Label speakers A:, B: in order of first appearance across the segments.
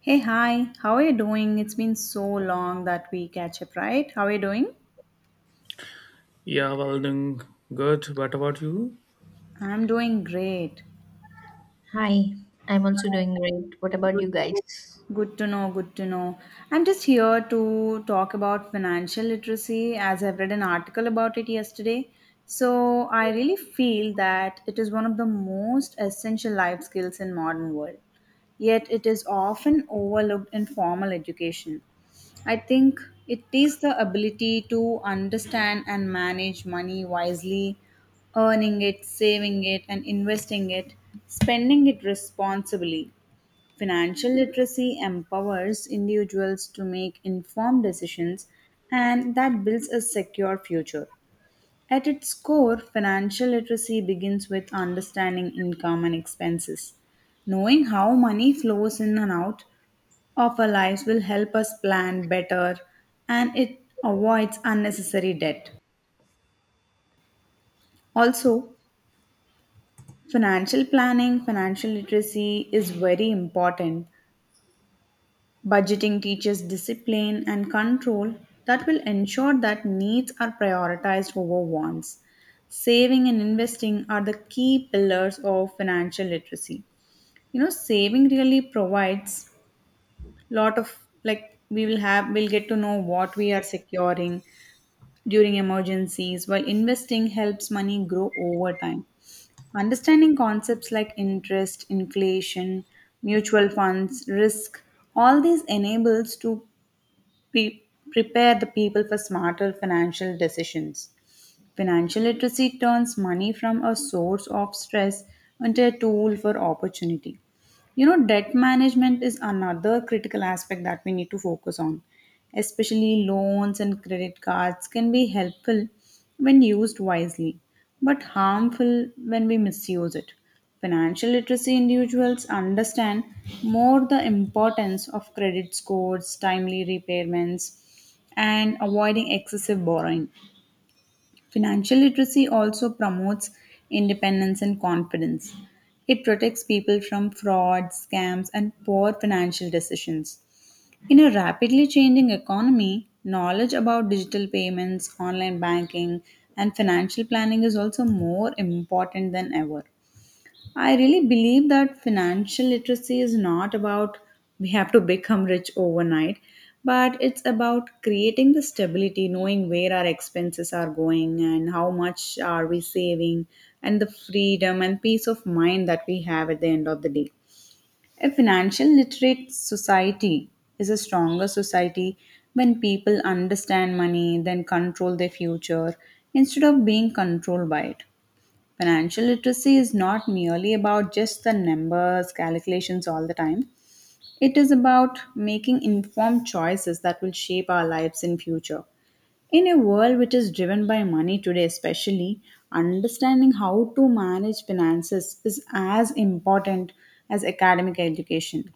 A: Hey, hi, how are you doing? It's been so long that we catch up, right? How are you doing?
B: Yeah, well, then good. What about you?
A: I'm doing great.
C: Hi, I'm also doing great. What about
A: Good.
C: you guys?
A: Good to know, good to know. I'm just here to talk about financial literacy as I've read an article about it yesterday. So, I really feel that it is one of the most essential life skills in modern world. Yet it is often overlooked in formal education. I think it is the ability to understand and manage money wisely, earning it, saving it and investing it, spending it responsibly. Financial literacy empowers individuals to make informed decisions and that builds a secure future. At its core, financial literacy begins with understanding income and expenses. Knowing how money flows in and out of our lives will help us plan better and it avoids unnecessary debt. Also, financial planning, financial literacy is very important. Budgeting teaches discipline and control that will ensure that needs are prioritized over wants. Saving and investing are the key pillars of financial literacy. You know, saving really provides lot of, like, we will have we'll get to know what we are securing during emergencies, while investing helps money grow over time. Understanding concepts like interest, inflation, mutual funds, risk, all these enables to Pe- prepare the people for smarter financial decisions. Financial literacy turns money from a source of stress into a tool for opportunity. You know, debt management is another critical aspect that we need to focus on. Especially loans and credit cards can be helpful when used wisely, but harmful when we misuse it. Financial literacy individuals understand more the importance of credit scores, timely repayments, and avoiding excessive borrowing. Financial literacy also promotes independence and confidence. It protects people from fraud, scams, and poor financial decisions. In a rapidly changing economy, knowledge about digital payments, online banking, and financial planning is also more important than ever. I really believe that financial literacy is not about we have to become rich overnight, but it's about creating the stability, knowing where our expenses are going and how much are we saving, and the freedom and peace of mind that we have at the end of the day. A financial literate society is a stronger society when people understand money, then control their future instead of being controlled by it. Financial literacy is not merely about just the numbers, calculations all the time. It is about making informed choices that will shape our lives in future. In a world which is driven by money today, especially, understanding how to manage finances is as important as academic education.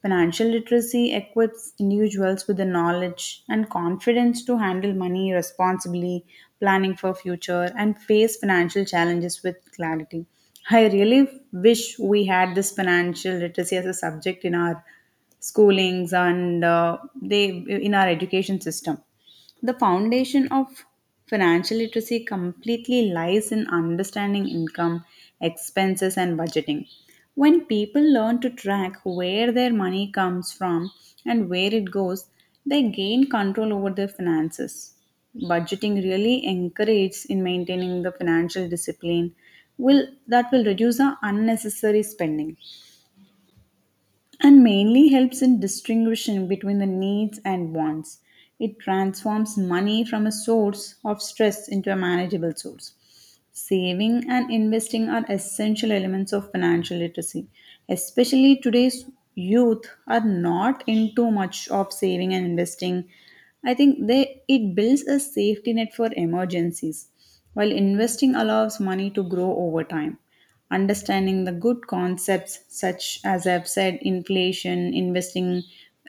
A: Financial literacy equips individuals with the knowledge and confidence to handle money responsibly, planning for future, and face financial challenges with clarity. I really wish we had this financial literacy as a subject in our schoolings and they in our education system. The foundation of financial literacy completely lies in understanding income, expenses, and budgeting. When people learn to track where their money comes from and where it goes, they gain control over their finances. Budgeting really encourages in maintaining the financial discipline will that will reduce the unnecessary spending and mainly helps in distinguishing between the needs and wants. It transforms money from a source of stress into a manageable source. Saving and investing are essential elements of financial literacy. Especially today's youth are not into much of saving and investing. I think they it builds a safety net for emergencies, while investing allows money to grow over time. Understanding the good concepts such as I've said, inflation, investing,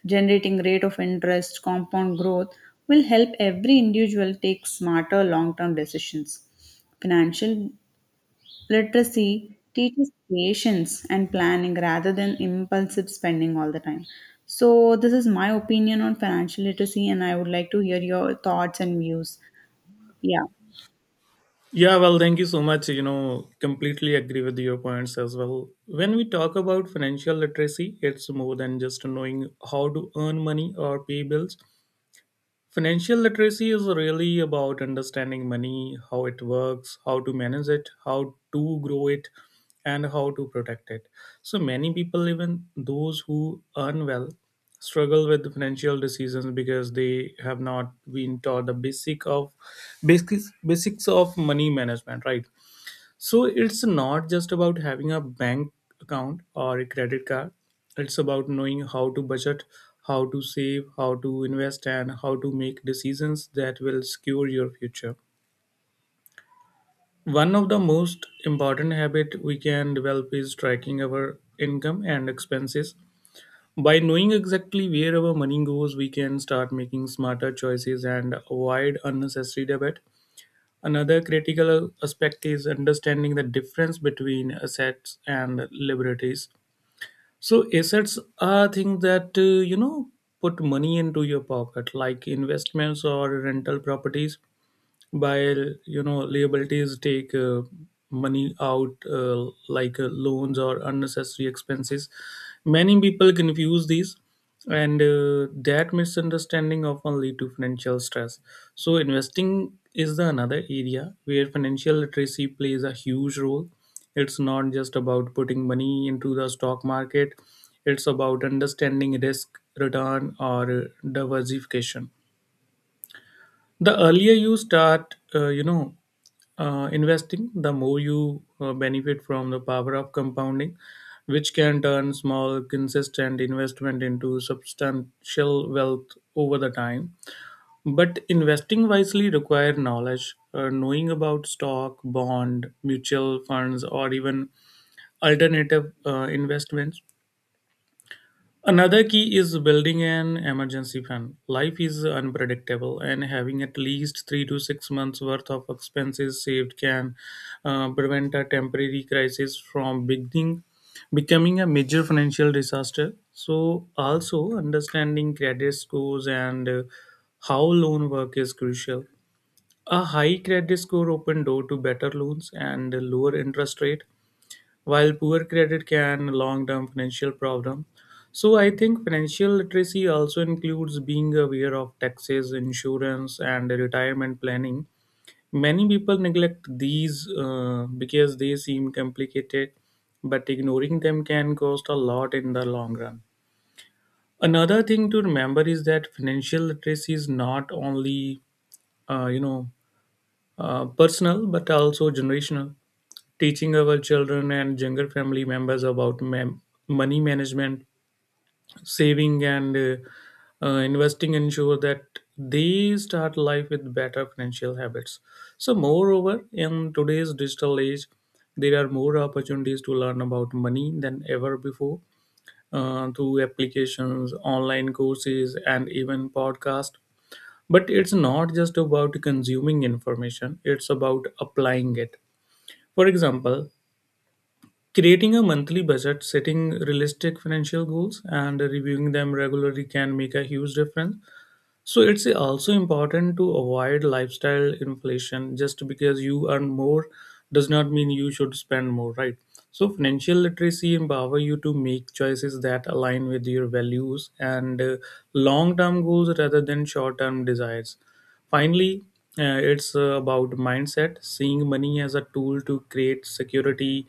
A: generating rate of interest, compound growth will help every individual take smarter long-term decisions. Financial literacy teaches patience and planning rather than impulsive spending all the time. So, this is my opinion on financial literacy, and I would like to hear your thoughts and views. Yeah.
B: Yeah, well, thank you so much. You know, completely agree with your points as well. When we talk about financial literacy, it's more than just knowing how to earn money or pay bills. Financial literacy is really about understanding money, how it works, how to manage it, how to grow it, and how to protect it. So many people, even those who earn well, struggle with financial decisions because they have not been taught the basics of money management, right? So it's not just about having a bank account or a credit card. It's about knowing how to budget, how to save, how to invest, and how to make decisions that will secure your future. One of the most important habit we can develop is tracking our income and expenses. By knowing exactly where our money goes, we can start making smarter choices and avoid unnecessary debt. Another critical aspect is understanding the difference between assets and liabilities. So assets are things that you know put money into your pocket, like investments or rental properties, while you know liabilities take money out like loans or unnecessary expenses. Many people confuse these, and that misunderstanding often lead to financial stress. So investing is the another area where financial literacy plays a huge role. It's not just about putting money into the stock market, it's about understanding risk return or diversification. The earlier you start investing, the more you benefit from the power of compounding, which can turn small consistent investment into substantial wealth over the time. But investing wisely require knowledge, knowing about stock bond mutual funds or even alternative investments. Another key is building an emergency fund. Life is unpredictable, and having at least 3 to 6 months worth of expenses saved can prevent a temporary crisis from becoming a major financial disaster. So, also understanding credit scores and how loan work is crucial. A high credit score open door to better loans and lower interest rate, while poor credit can long-term financial problem. So I think financial literacy also includes being aware of taxes, insurance, and retirement planning. Many people neglect these because they seem complicated, but ignoring them can cost a lot in the long run. Another thing to remember is that financial literacy is not only uh, you know personal but also generational. Teaching our children and younger family members about money management, saving, and investing ensure that they start life with better financial habits. So, moreover, in today's digital age, there are more opportunities to learn about money than ever before, through applications, online courses, and even podcasts. But it's not just about consuming information, it's about applying it. For example, creating a monthly budget, setting realistic financial goals, and reviewing them regularly can make a huge difference. So it's also important to avoid lifestyle inflation. Just because you earn more does not mean you should spend more, right? So financial literacy empower you to make choices that align with your values and long-term goals rather than short-term desires. Finally, it's about mindset, seeing money as a tool to create security,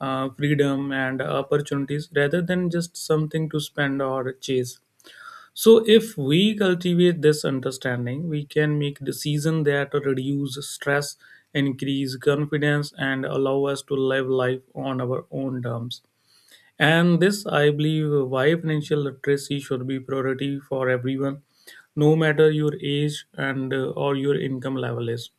B: freedom, and opportunities rather than just something to spend or chase. So, if we cultivate this understanding, we can make decisions that reduce stress, increase confidence, and allow us to live life on our own terms. And this, I believe, why financial literacy should be priority for everyone, no matter your age and or your income level is.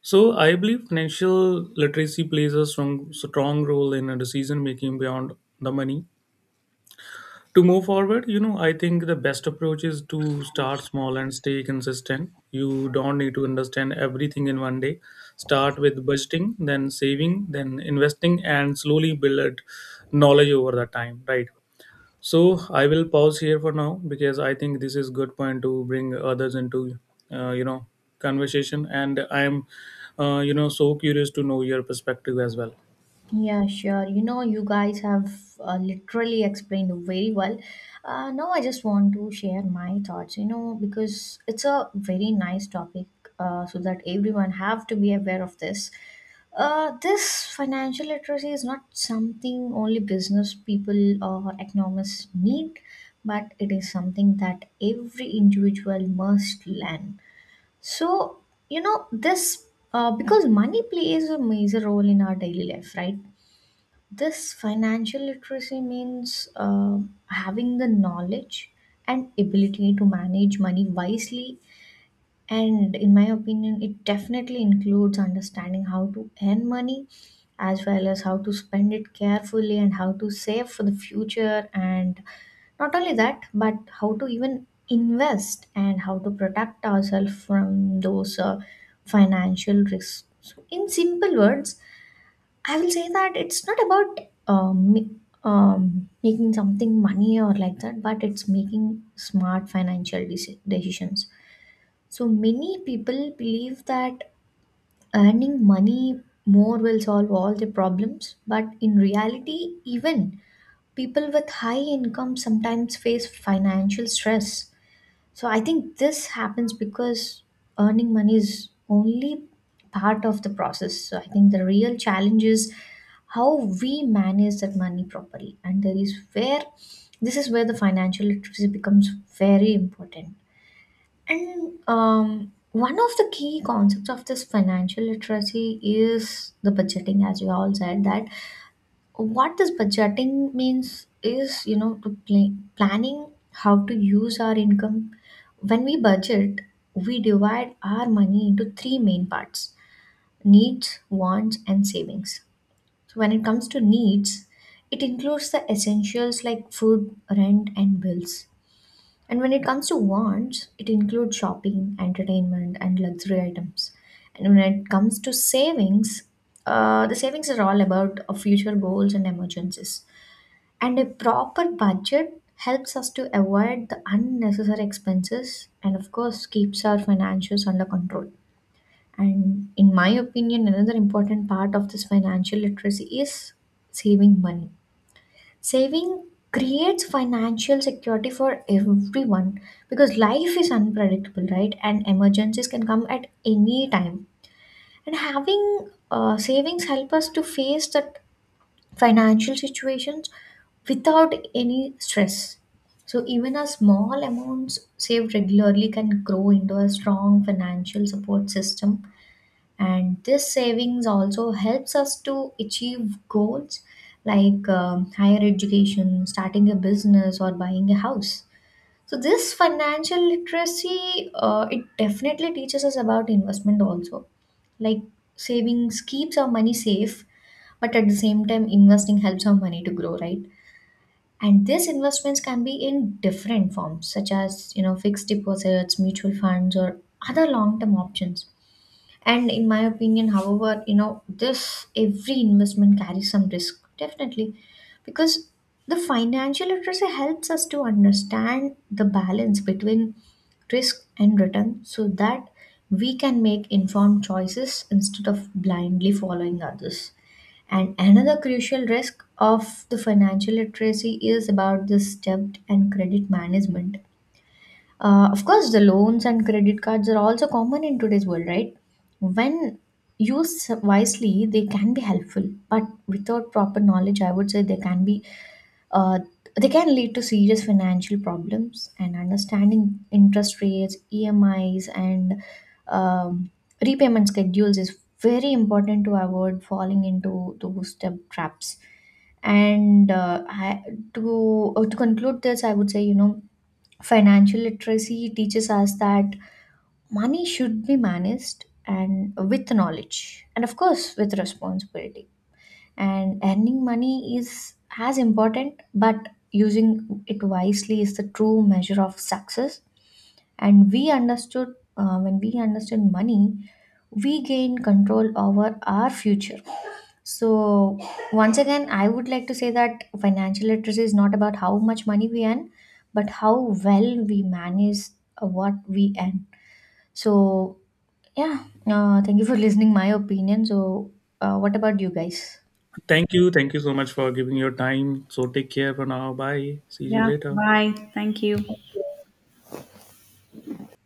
B: So, I believe financial literacy plays a strong role in decision making beyond the money. To move forward, you know, I think the best approach is to start small and stay consistent. You don't need to understand everything in one day. Start with budgeting, then saving, then investing, and slowly build knowledge over the time, right? So I will pause here for now because I think this is good point to bring others into, uh, you know, conversation. And I am, so curious to know your perspective as well.
C: Yeah, sure. You know, you guys have literally explained very well. Now, I just want to share my thoughts, you know, because it's a very nice topic, so that everyone have to be aware of this. This financial literacy is not something only business people or economists need, but it is something that every individual must learn. So, you know, this because money plays a major role in our daily life, right? This financial literacy means having the knowledge and ability to manage money wisely. And in my opinion, it definitely includes understanding how to earn money as well as how to spend it carefully and how to save for the future and not only that, but how to even invest and how to protect ourselves from those financial risks. So, in simple words, I will say that it's not about making something money or like that, but it's making smart financial decisions. So, many people believe that earning money more will solve all the problems, but in reality, even people with high income sometimes face financial stress. So I think this happens because earning money is only part of the process. So I think the real challenge is how we manage that money properly. And there is where this is where the financial literacy becomes very important. And one of the key concepts of this financial literacy is the budgeting, as you all said, that what this budgeting means is, you know, to planning how to use our income. When we budget, we divide our money into three main parts: needs, wants, and savings. So when it comes to needs, it includes the essentials like food, rent, and bills. And when it comes to wants, it includes shopping, entertainment, and luxury items. And when it comes to savings, the savings are all about future goals and emergencies. And a proper budget helps us to avoid the unnecessary expenses and, of course, keeps our finances under control. And in my opinion, another important part of this financial literacy is saving money. Saving creates financial security for everyone because life is unpredictable, right? And emergencies can come at any time. And having savings help us to face the financial situations without any stress. So even a small amounts saved regularly can grow into a strong financial support system, and this savings also helps us to achieve goals like, higher education, starting a business, or buying a house. So this financial literacy, it definitely teaches us about investment also, like savings keeps our money safe, but at the same time, investing helps our money to grow, right? And these investments can be in different forms, such as, you know, fixed deposits, mutual funds, or other long-term options. And in my opinion, however, you know, this every investment carries some risk, definitely, because the financial literacy helps us to understand the balance between risk and return so that we can make informed choices instead of blindly following others. And another crucial risk of the financial literacy is about this debt and credit management. Of course, the loans and credit cards are also common in today's world, right? When used wisely, they can be helpful, but without proper knowledge, I would say uh, they can lead to serious financial problems. And understanding interest rates, EMIs, and um, repayment schedules is very important to avoid falling into those debt traps. And I, to To conclude this, I would say, you know, financial literacy teaches us that money should be managed and with knowledge and of course with responsibility. And earning money is as important, but using it wisely is the true measure of success. And we understood when we understood money, we gain control over our future. So, once again, I would like to say that financial literacy is not about how much money we earn, but how well we manage what we earn. So, yeah, thank you for listening my opinion. So, what about you guys?
B: Thank you. Thank you so much for giving your time. So take care for now. Bye. See you
A: Yeah.
B: later.
A: Bye. Thank you.